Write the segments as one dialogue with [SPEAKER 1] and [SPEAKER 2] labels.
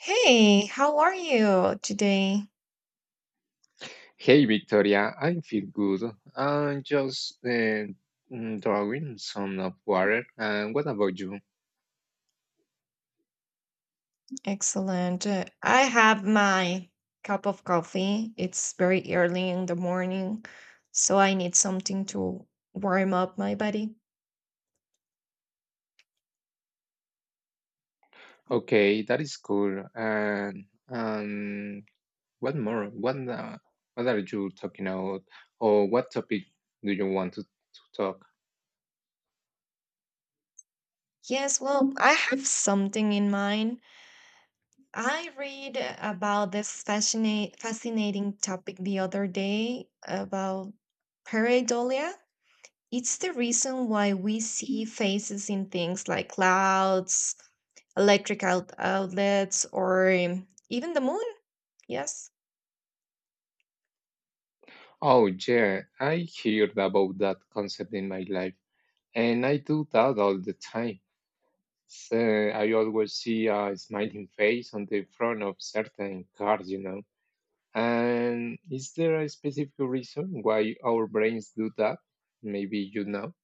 [SPEAKER 1] Hey, how are you today?
[SPEAKER 2] Hey Victoria, I feel good. I'm just drawing some of water. And what about you?
[SPEAKER 1] Excellent. I have my cup of coffee. It's very early in the morning, so I need something to warm up my body.
[SPEAKER 2] Okay, that is cool. And what more? What are you talking about? Or what topic do you want to talk?
[SPEAKER 1] Yes, well, I have something in mind. I read about this fascinating topic the other day about pareidolia. It's the reason why we see faces in things like clouds, electric outlets, or even the moon. Yes.
[SPEAKER 2] Oh yeah, I heard about that concept in my life, and I do that all the time. So I always see a smiling face on the front of certain cars, you know. And is there a specific reason why our brains do that? Maybe you know.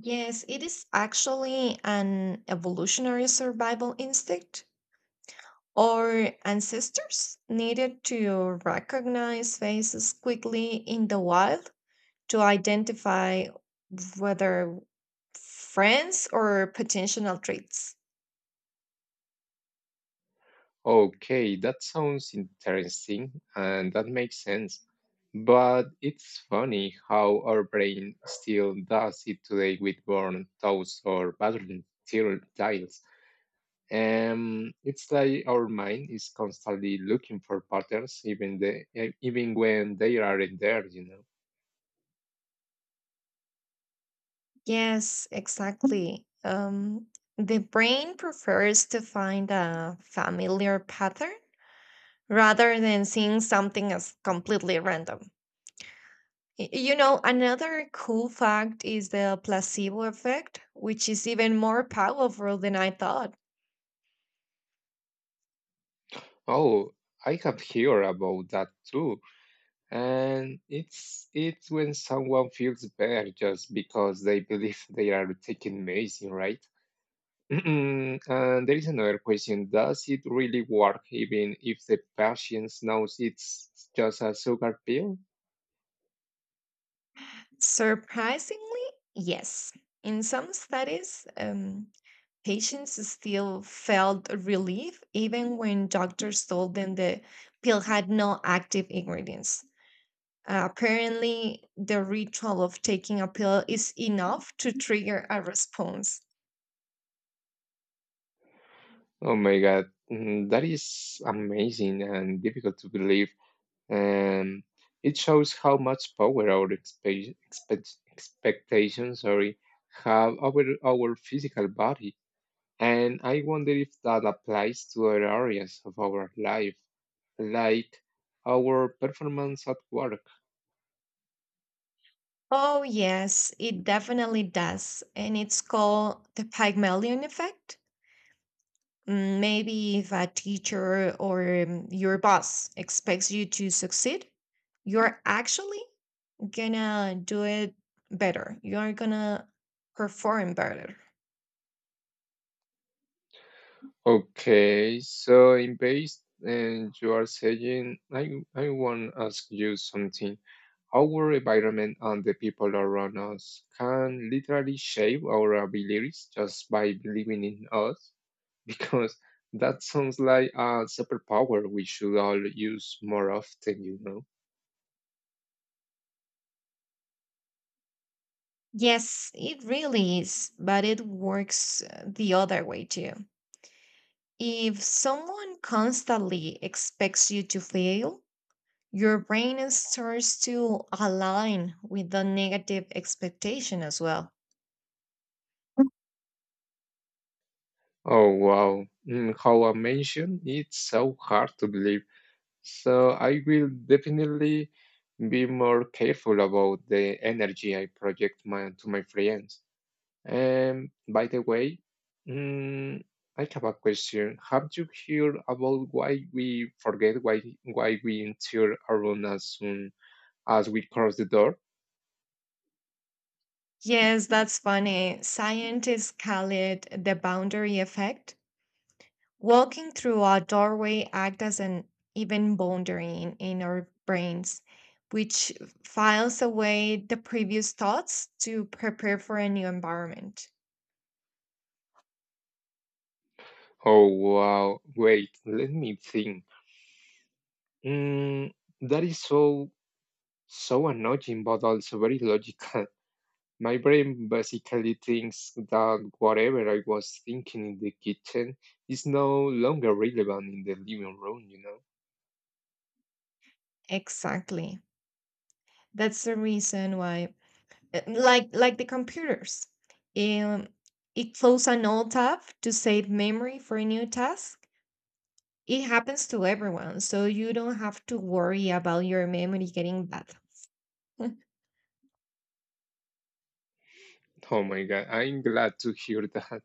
[SPEAKER 1] Yes, it is actually an evolutionary survival instinct. Our ancestors needed to recognize faces quickly in the wild to identify whether friends or potential traits.
[SPEAKER 2] Okay, that sounds interesting and that makes sense. But it's funny how our brain still does it today with burnt toast or battling tiles. It's like our mind is constantly looking for patterns, even when they aren't there.
[SPEAKER 1] Yes, exactly. The brain prefers to find a familiar pattern rather than seeing something as completely random. You know, another cool fact is the placebo effect, which is even more powerful than I thought.
[SPEAKER 2] Oh, I have heard about that too. And it's when someone feels bad just because they believe they are taking medicine, right? And there is another question: does it really work, even if the patient knows it's just a sugar pill?
[SPEAKER 1] Surprisingly, yes. In some studies, patients still felt relief even when doctors told them the pill had no active ingredients. Apparently, the ritual of taking a pill is enough to trigger a response.
[SPEAKER 2] Oh my God, mm, that is amazing and difficult to believe. Um, it shows how much power our expectations, sorry, have over our physical body. And I wonder if that applies to other areas of our life, like our performance at work.
[SPEAKER 1] Oh, yes, it definitely does. And it's called the Pygmalion effect. Mm, maybe if a teacher or your boss expects you to succeed, you're actually gonna do it better. You're gonna perform better.
[SPEAKER 2] Okay, so in base, and you are saying, I want to ask you something. Our environment and the people around us can literally shape our abilities just by believing in us, because that sounds like a superpower we should all use more often.
[SPEAKER 1] Yes, it really is, but it works the other way too. If someone constantly expects you to fail, your brain starts to align with the negative expectation as well.
[SPEAKER 2] Oh, wow. How I mentioned, it's so hard to believe. So I will definitely be more careful about the energy I project my, to my friends. By the way, mm, I have a question. Have you heard about why we forget why we enter a room as soon as we cross the door?
[SPEAKER 1] Yes, that's funny. Scientists call it the boundary effect. Walking through a doorway acts as an even boundary in our brains, which files away the previous thoughts to prepare for a new environment.
[SPEAKER 2] Oh wow! Wait, let me think. Mm, that is so annoying, but also very logical. My brain basically thinks that whatever I was thinking in the kitchen is no longer relevant in the living room, you know?
[SPEAKER 1] Exactly. That's the reason why. Like the computers, um, it closes an old tab to save memory for a new task. It happens to everyone, so you don't have to worry about your memory getting bad.
[SPEAKER 2] Oh my God, I'm glad to hear that.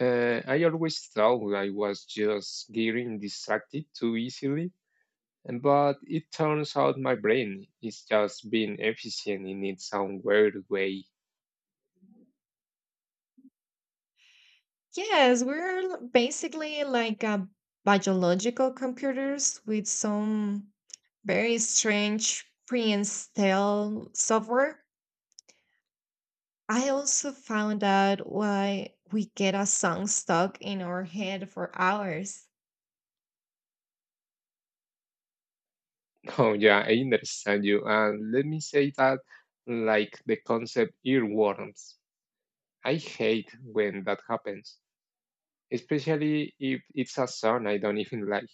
[SPEAKER 2] I always thought I was just getting distracted too easily, but it turns out my brain is just being efficient in its own weird way.
[SPEAKER 1] Yes, we're basically like biological computers with some very strange pre-installed software. I also found out why we get a song stuck in our head for hours.
[SPEAKER 2] Oh, yeah, I understand you. And let me say that, like the concept earworms, I hate when that happens, especially if it's a song I don't even like.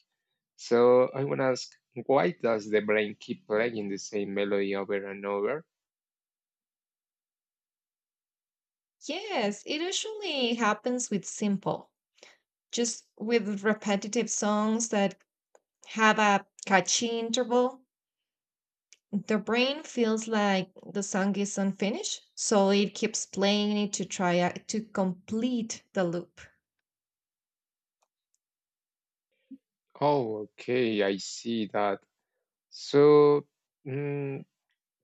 [SPEAKER 2] So I want to ask, why does the brain keep playing the same melody over and over?
[SPEAKER 1] Yes, it usually happens with simple, just with repetitive songs that have a catchy interval. The brain feels like the song is unfinished, so it keeps playing it to try to complete the loop.
[SPEAKER 2] Oh, okay, I see that. So, mm,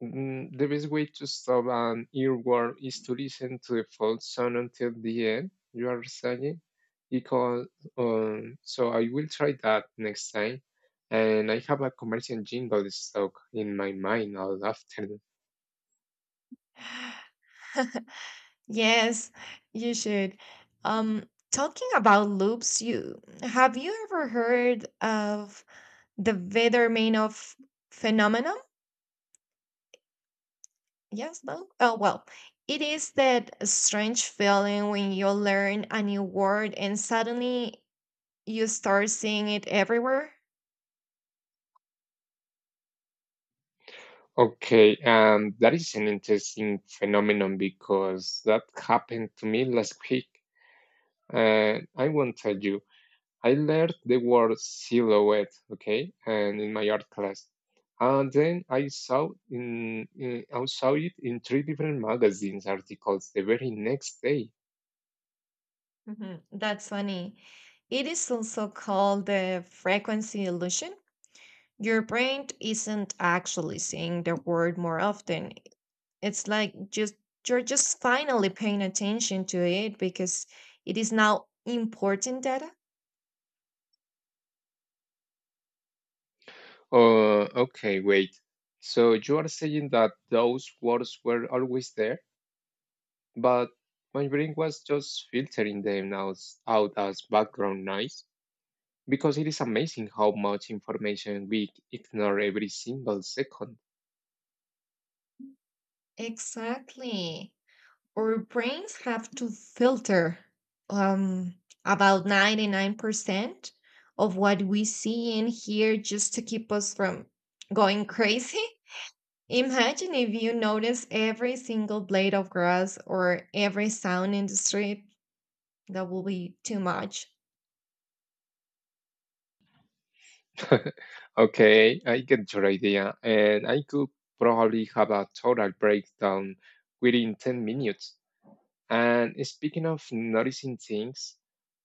[SPEAKER 2] the best way to stop an earworm is to listen to the full song until the end, you are saying? Because, so I will try that next time. And I have a commercial jingle stuck in my mind all afternoon.
[SPEAKER 1] Yes, you should. Um, Talking about loops, you ever heard of the Vedermanov phenomenon? Yes, no? Oh, well, it is that strange feeling when you learn a new word and suddenly you start seeing it everywhere.
[SPEAKER 2] Okay, and that is an interesting phenomenon because that happened to me last week. And I won't tell you, I learned the word silhouette, okay, and in my art class. And then I saw it in three different magazines articles the very next day.
[SPEAKER 1] Mhm. That's funny. It is also called the frequency illusion. Your brain isn't actually seeing the word more often. It's like just You're just finally paying attention to it because it is now important data.
[SPEAKER 2] Oh, okay, wait. So you are saying that those words were always there, but my brain was just filtering them out as background noise, because it is amazing how much information we ignore every single second.
[SPEAKER 1] Exactly. Our brains have to filter um, about 99% of what we see and hear just to keep us from going crazy. Imagine if you notice every single blade of grass or every sound in the street, that will be too much.
[SPEAKER 2] Okay, I get your idea, and I could probably have a total breakdown within 10 minutes. And speaking of noticing things,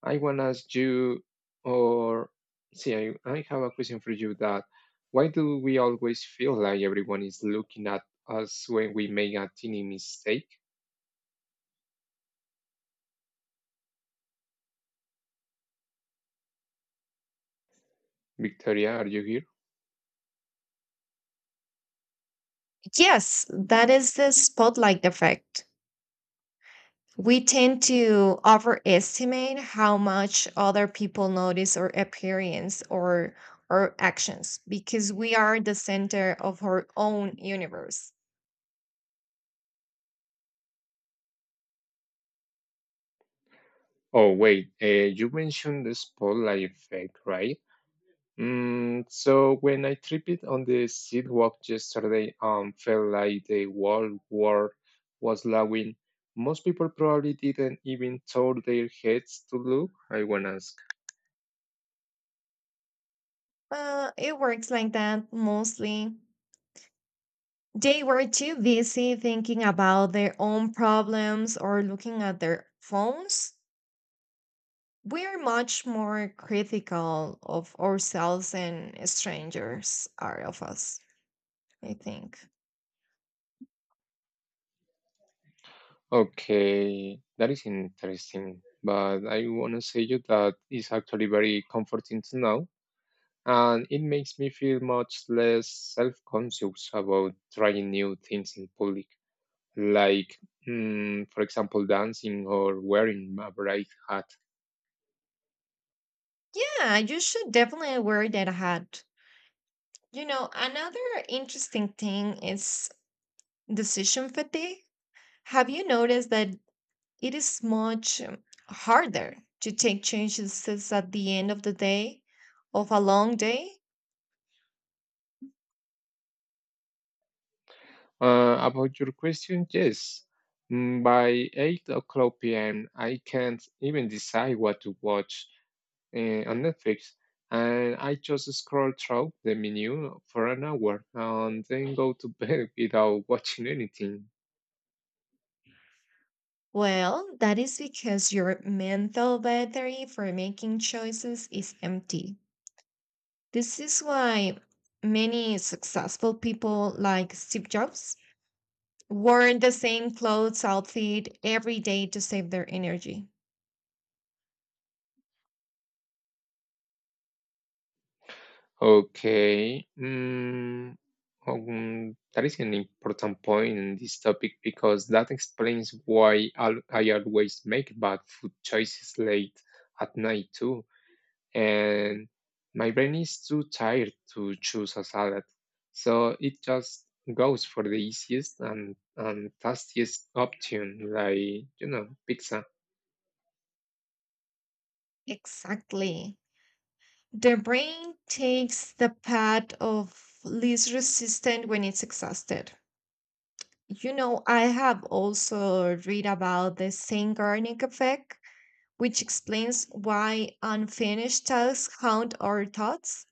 [SPEAKER 2] I want to ask you, or see, I have a question for you, that why do we always feel like everyone is looking at us when we make a teeny mistake? Victoria, are you here?
[SPEAKER 1] Yes, that is the spotlight effect. We tend to overestimate how much other people notice our appearance or our actions because we are the center of our own universe.
[SPEAKER 2] Oh, wait, you mentioned the spotlight effect, right? So when I tripped on the sidewalk yesterday and felt like the whole world was laughing, most people probably didn't even turn their heads to look, I want to ask.
[SPEAKER 1] It works like that mostly. They were too busy thinking about their own problems or looking at their phones. We are much more critical of ourselves than strangers are of us, I think.
[SPEAKER 2] Okay, that is interesting, but I want to say you that is actually very comforting to know, and it makes me feel much less self-conscious about trying new things in public, like, for example, dancing or wearing a bright hat.
[SPEAKER 1] Yeah, you should definitely wear that hat. You know, another interesting thing is decision fatigue. Have you noticed that it is much harder to take chances at the end of the day, of a long day?
[SPEAKER 2] About your question, yes. By 8 o'clock p.m., I can't even decide what to watch on Netflix, and I just scroll through the menu for an hour and then go to bed without watching anything.
[SPEAKER 1] Well, that is because your mental battery for making choices is empty. This is why many successful people like Steve Jobs wore the same clothes outfit every day to save their energy.
[SPEAKER 2] Okay. That is an important point in this topic because that explains why I always make bad food choices late at night too, and my brain is too tired to choose a salad. So it just goes for the easiest and tastiest option, like, you know, pizza.
[SPEAKER 1] Exactly. The brain takes the path of least resistance when it's exhausted. You know, I have also read about the Zeigarnik effect, which explains why unfinished tasks haunt our thoughts,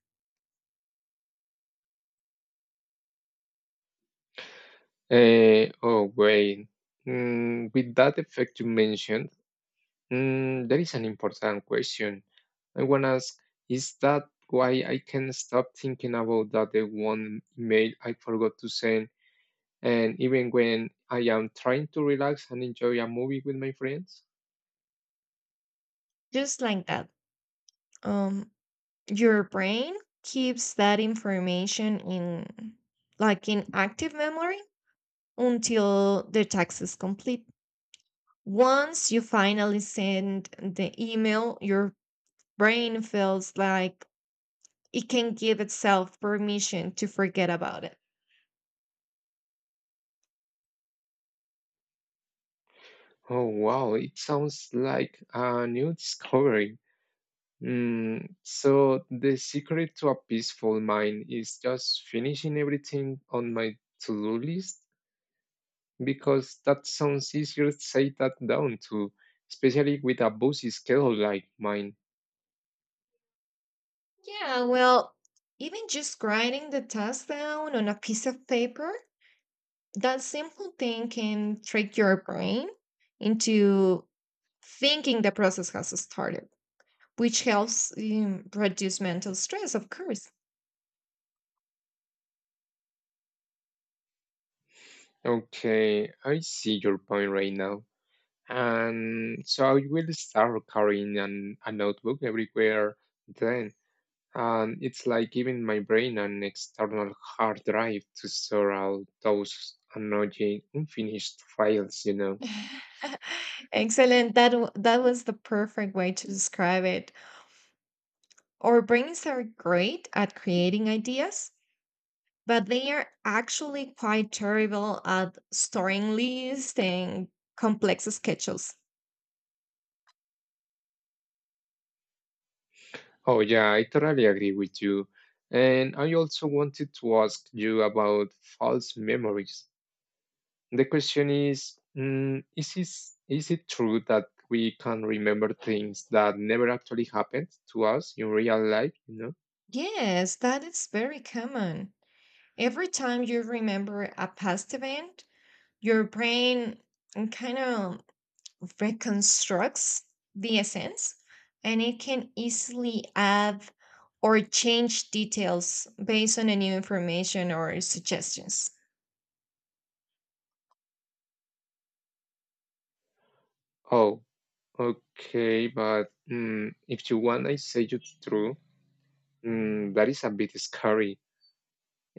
[SPEAKER 2] Oh, wait. With that effect you mentioned, there is an important question. I want to ask, is that why I can stop thinking about that the one email I forgot to send? And even when I am trying to relax and enjoy a movie with my friends?
[SPEAKER 1] just like that. Um, your brain keeps that information in, like in active memory, until the task is complete. Once you finally send the email, your brain feels like it can give itself permission to forget about it.
[SPEAKER 2] Oh, wow, it sounds like a new discovery. So, the secret to a peaceful mind is just finishing everything on my to-do list? Because that sounds easier to say that down to, especially with a busy schedule like mine.
[SPEAKER 1] Yeah, well, even just writing the task down on a piece of paper, that simple thing can trick your brain into thinking the process has started, which helps reduce mental stress, of course.
[SPEAKER 2] Okay, I see your point right now. And so I will start carrying a notebook everywhere then. And it's like giving my brain an external hard drive to store all those annoying unfinished files, you know.
[SPEAKER 1] Excellent. That was the perfect way to describe it. Our brains are great at creating ideas, but they are actually quite terrible at storing lists and complex schedules.
[SPEAKER 2] Oh, yeah, I totally agree with you. And I also wanted to ask you about false memories. The question is, is it true that we can remember things that never actually happened to us in real life, you know?
[SPEAKER 1] Yes, that is very common. Every time you remember a past event, your brain kind of reconstructs the essence, and it can easily add or change details based on a new information or suggestions.
[SPEAKER 2] Oh, okay, but if you want, I say it's true. That is a bit scary.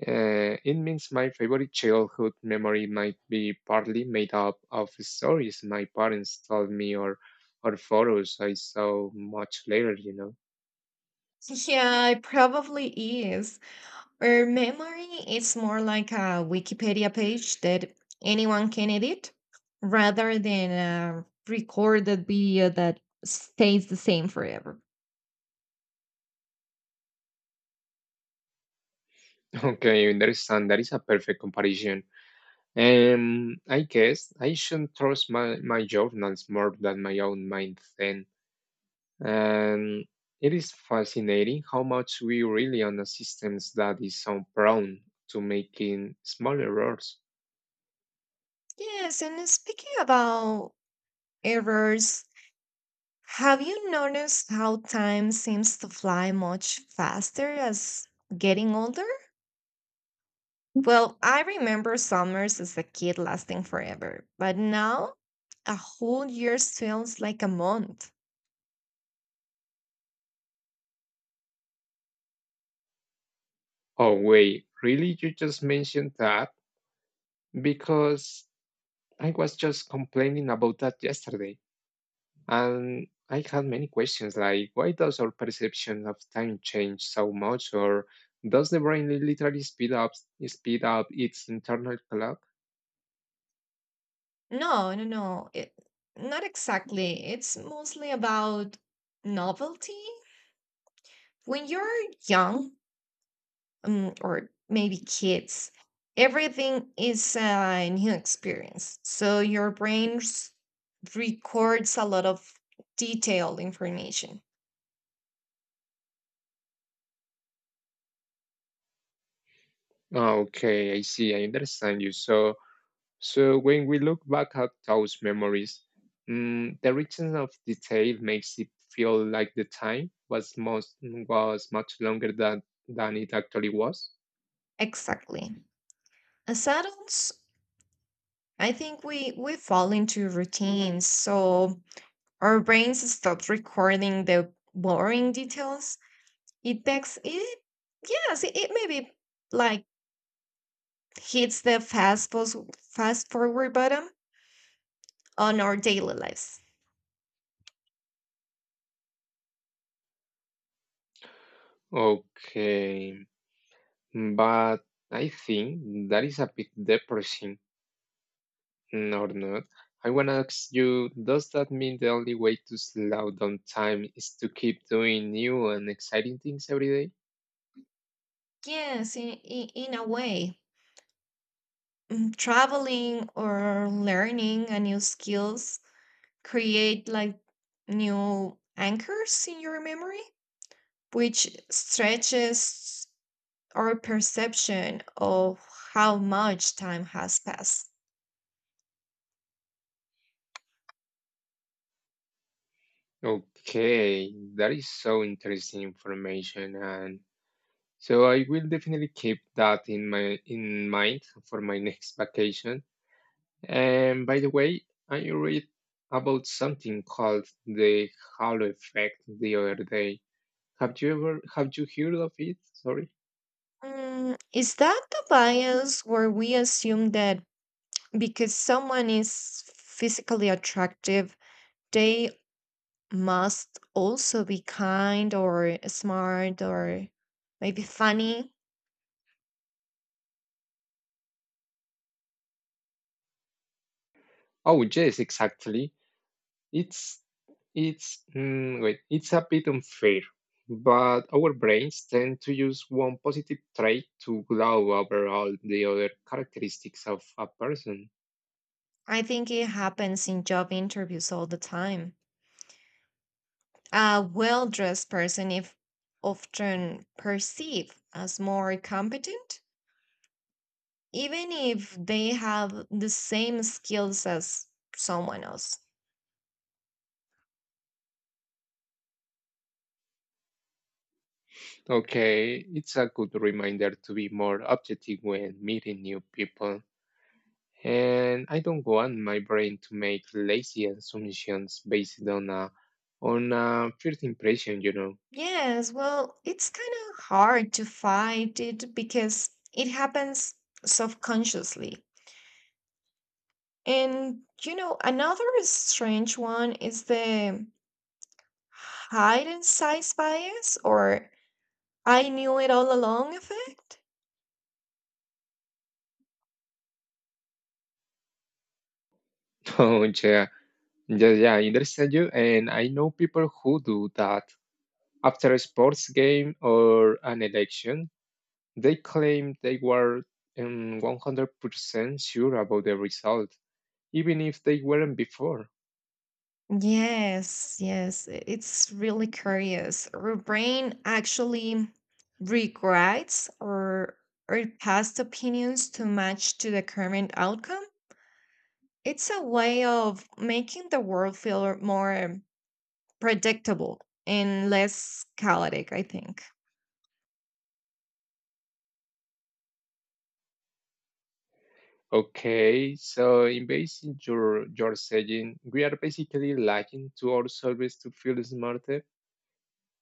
[SPEAKER 2] It means my favorite childhood memory might be partly made up of stories my parents told me or photos I saw much later, you know.
[SPEAKER 1] Yeah, it probably is. Our memory is more like a Wikipedia page that anyone can edit rather than a recorded video that stays the same forever.
[SPEAKER 2] Okay, I understand. That is a perfect comparison. I guess I should trust my journals more than my own mind then. And it is fascinating how much we rely on the systems that is so prone to making small errors.
[SPEAKER 1] Yes, and speaking about errors, have you noticed how time seems to fly much faster as getting older? Well, I remember summers as a kid lasting forever, but now a whole year feels like a month.
[SPEAKER 2] Oh, wait, really? You just mentioned that? Because I was just complaining about that yesterday. And I had many questions like why does our perception of time change so much? Or does the brain literally speed up its internal clock?
[SPEAKER 1] No, no, no. Not exactly. It's mostly about novelty. When you're young, or maybe kids, everything is a new experience. So your brain records a lot of detailed information.
[SPEAKER 2] Oh, okay, I see, I understand you. So, so when we look back at those memories, the richness of detail makes it feel like the time was much longer than it actually was.
[SPEAKER 1] Exactly. As adults, I think we fall into routines, so our brains stop recording the boring details. It takes it. Yes, it maybe like hits the fast forward button on our daily lives.
[SPEAKER 2] Okay, but I think that is a bit depressing, or not? I wanna ask you: does that mean the only way to slow down time is to keep doing new and exciting things every day?
[SPEAKER 1] Yes, in a way, traveling or learning a new skills create like new anchors in your memory, which stretches our perception of how much time has passed.
[SPEAKER 2] Okay, that is so interesting information and. So I will definitely keep that in mind for my next vacation. And by the way, I read about something called the halo effect the other day. Have you heard of it? Sorry.
[SPEAKER 1] Mm, is that the bias where we assume that because someone is physically attractive, they must also be kind or smart or maybe funny?
[SPEAKER 2] Oh yes, exactly. It's Wait, it's a bit unfair, but our brains tend to use one positive trait to glow over all the other characteristics of a person.
[SPEAKER 1] I think it happens in job interviews all the time. A well dressed person is often perceived as more competent, even if they have the same skills as someone else.
[SPEAKER 2] Okay, it's a good reminder to be more objective when meeting new people. And I don't want my brain to make lazy assumptions based on a first impression, you know.
[SPEAKER 1] Yes, well, it's kind of hard to fight it because it happens subconsciously. And, you know, another strange one is the hide and size bias, or I knew it all along effect.
[SPEAKER 2] Oh yeah, yeah, I understand you. And I know people who do that after a sports game or an election. They claim they were 100% sure about the result, even if they weren't before.
[SPEAKER 1] Yes, yes, it's really curious. Our brain actually regrets or past opinions to match to the current outcome. It's a way of making the world feel more predictable and less chaotic, I think.
[SPEAKER 2] Okay, so in basing your saying, we are basically lacking to ourselves to feel smarter.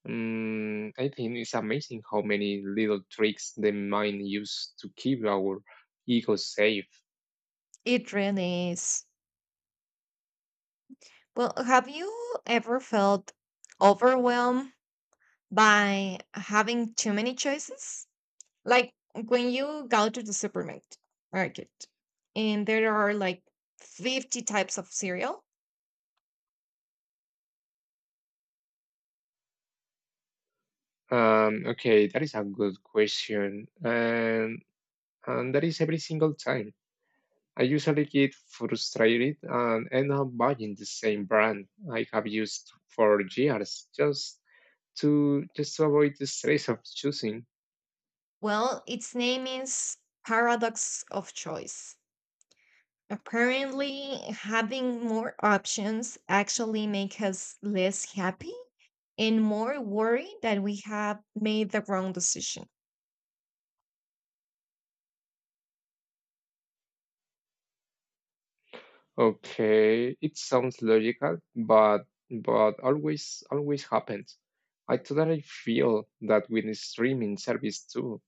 [SPEAKER 2] I think it's amazing how many little tricks the mind use to keep our ego safe.
[SPEAKER 1] It really is. Well, have you ever felt overwhelmed by having too many choices? Like when you go to the supermarket market and there are like 50 types of cereal?
[SPEAKER 2] Okay, that is a good question, and that is every single time. I usually get frustrated and end up buying the same brand I have used for years just to avoid the stress of choosing.
[SPEAKER 1] Well, its name is Paradox of Choice. Apparently, having more options actually make us less happy and more worried that we have made the wrong decision.
[SPEAKER 2] Okay, it sounds logical, but always happens. I totally feel that with the streaming service too,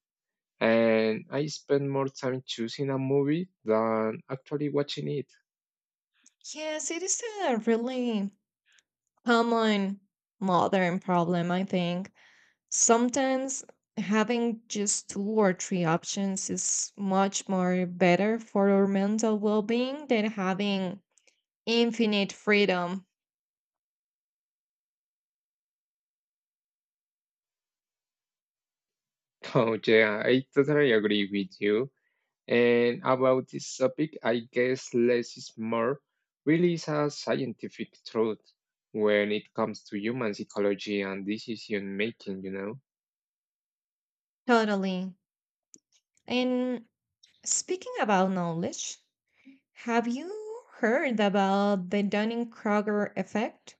[SPEAKER 2] and I spend more time choosing a movie than actually watching it.
[SPEAKER 1] Yes, it is a really common modern problem, I think. Sometimes having just two or three options is much more better for our mental well-being than having infinite freedom.
[SPEAKER 2] Oh yeah, I totally agree with you. And about this topic, I guess less is more really is a scientific truth when it comes to human psychology and decision making, you know.
[SPEAKER 1] Totally. And speaking about knowledge, have you heard about the Dunning-Kruger effect?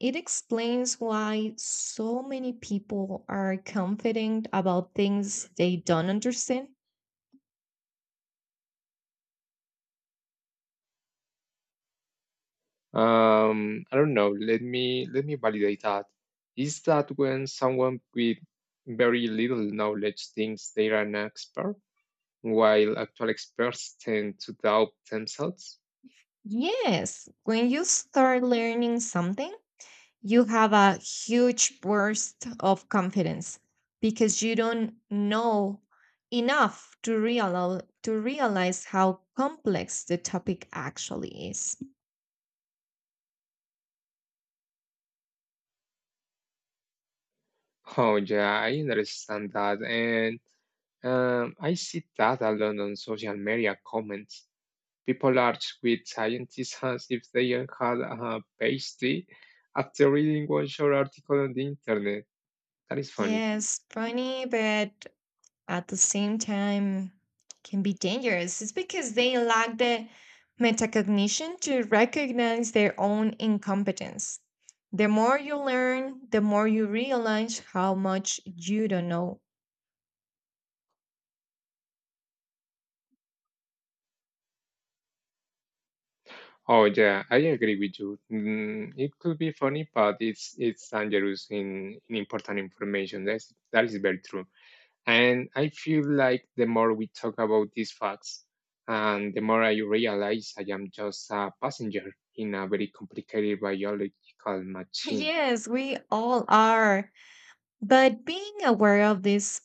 [SPEAKER 1] It explains why so many people are confident about things they don't understand.
[SPEAKER 2] I don't know. Let me validate that. Is that when someone with very little knowledge thinks they are an expert, while actual experts tend to doubt themselves?
[SPEAKER 1] Yes, when you start learning something, you have a huge burst of confidence because you don't know enough to realize how complex the topic actually is.
[SPEAKER 2] Oh yeah, I understand that, and I see that a lot on social media comments. People argue with scientists as if they had a PhD after reading one short article on the internet. That is funny.
[SPEAKER 1] Yes, funny, but at the same time can be dangerous. It's because they lack the metacognition to recognize their own incompetence. The more you learn, the more you realize how much you don't know.
[SPEAKER 2] Oh yeah, I agree with you. It could be funny, but it's dangerous in important information. That is very true. And I feel like the more we talk about these facts, and the more I realize I am just a passenger in a very complicated biological machine.
[SPEAKER 1] Yes, we all are. But being aware of this,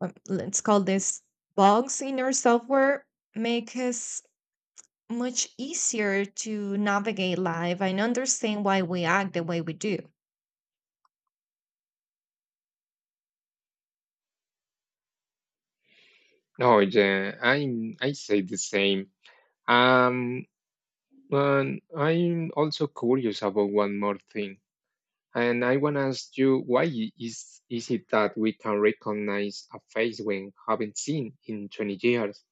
[SPEAKER 1] let's call this bugs in our software, make us much easier to navigate life and understand why we act the way we do.
[SPEAKER 2] Oh yeah, I say the same. Um, and I'm also curious about one more thing. And I want to ask you, why is it that we can recognize a face we haven't seen in 20 years,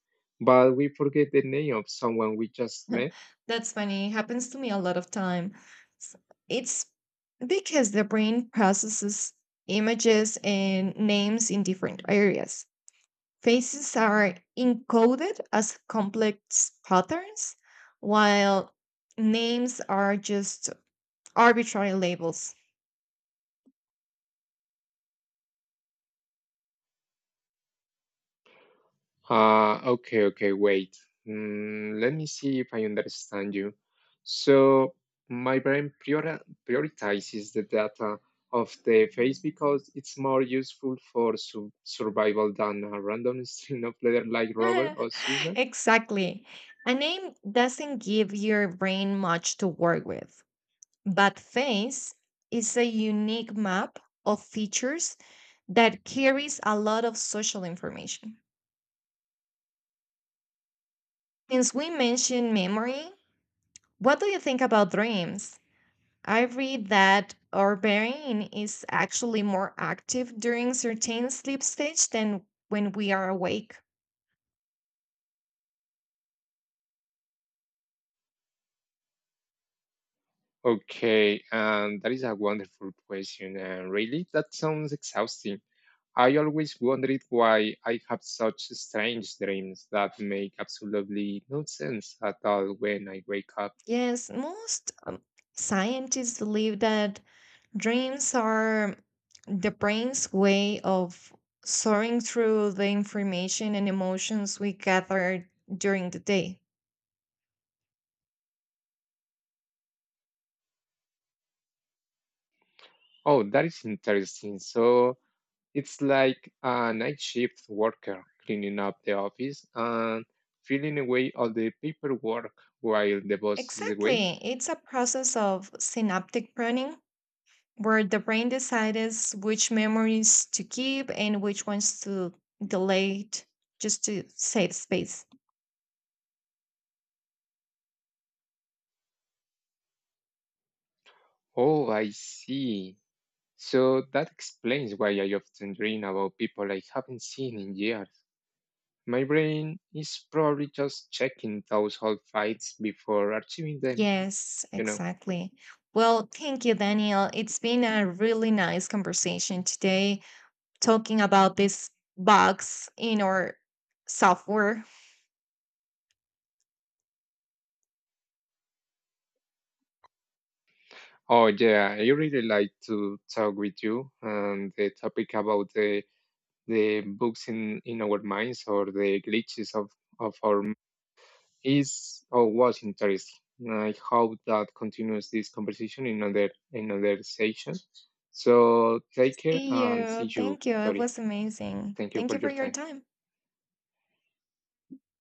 [SPEAKER 2] but we forget the name of someone we just met?
[SPEAKER 1] That's funny. Happens to me a lot of time. S- It's because the brain processes images and names in different areas. Faces are encoded as complex patterns, while names are just arbitrary labels.
[SPEAKER 2] Okay, okay, wait. Let me see if I understand you. So, my brain prioritizes the data of the face because it's more useful for survival than a random string of letters like Robert or Susan.
[SPEAKER 1] Exactly. A name doesn't give your brain much to work with, but face is a unique map of features that carries a lot of social information. Since we mentioned memory, what do you think about dreams? I read that our brain is actually more active during certain sleep stage than when we are awake.
[SPEAKER 2] Okay, and that is a wonderful question, and really, that sounds exhausting. I always wondered why I have such strange dreams that make absolutely no sense at all when I wake up.
[SPEAKER 1] Yes, most scientists believe that dreams are the brain's way of soaring through the information and emotions we gather during the day.
[SPEAKER 2] Oh, that is interesting. So it's like a night shift worker cleaning up the office and filling away all the paperwork while the boss is away.
[SPEAKER 1] Exactly. It's a process of synaptic pruning where the brain decides which memories to keep and which ones to delete just to save space.
[SPEAKER 2] Oh, I see. So that explains why I often dream about people I haven't seen in years. My brain is probably just checking those old fights before archiving them,
[SPEAKER 1] Yes,
[SPEAKER 2] you know.
[SPEAKER 1] exactly. Well, thank you, Daniel. It's been a really nice conversation today, talking about these bugs in our software.
[SPEAKER 2] Oh yeah, I really like to talk with you, and the topic about the books in our minds or the glitches of our is or was interesting. I hope that continues this conversation in another session. So take care
[SPEAKER 1] See
[SPEAKER 2] and see
[SPEAKER 1] you.
[SPEAKER 2] you,
[SPEAKER 1] Thank you. It
[SPEAKER 2] Victoria.
[SPEAKER 1] was amazing.
[SPEAKER 2] Thank you
[SPEAKER 1] Thank
[SPEAKER 2] for
[SPEAKER 1] you for
[SPEAKER 2] your
[SPEAKER 1] your
[SPEAKER 2] time.
[SPEAKER 1] time.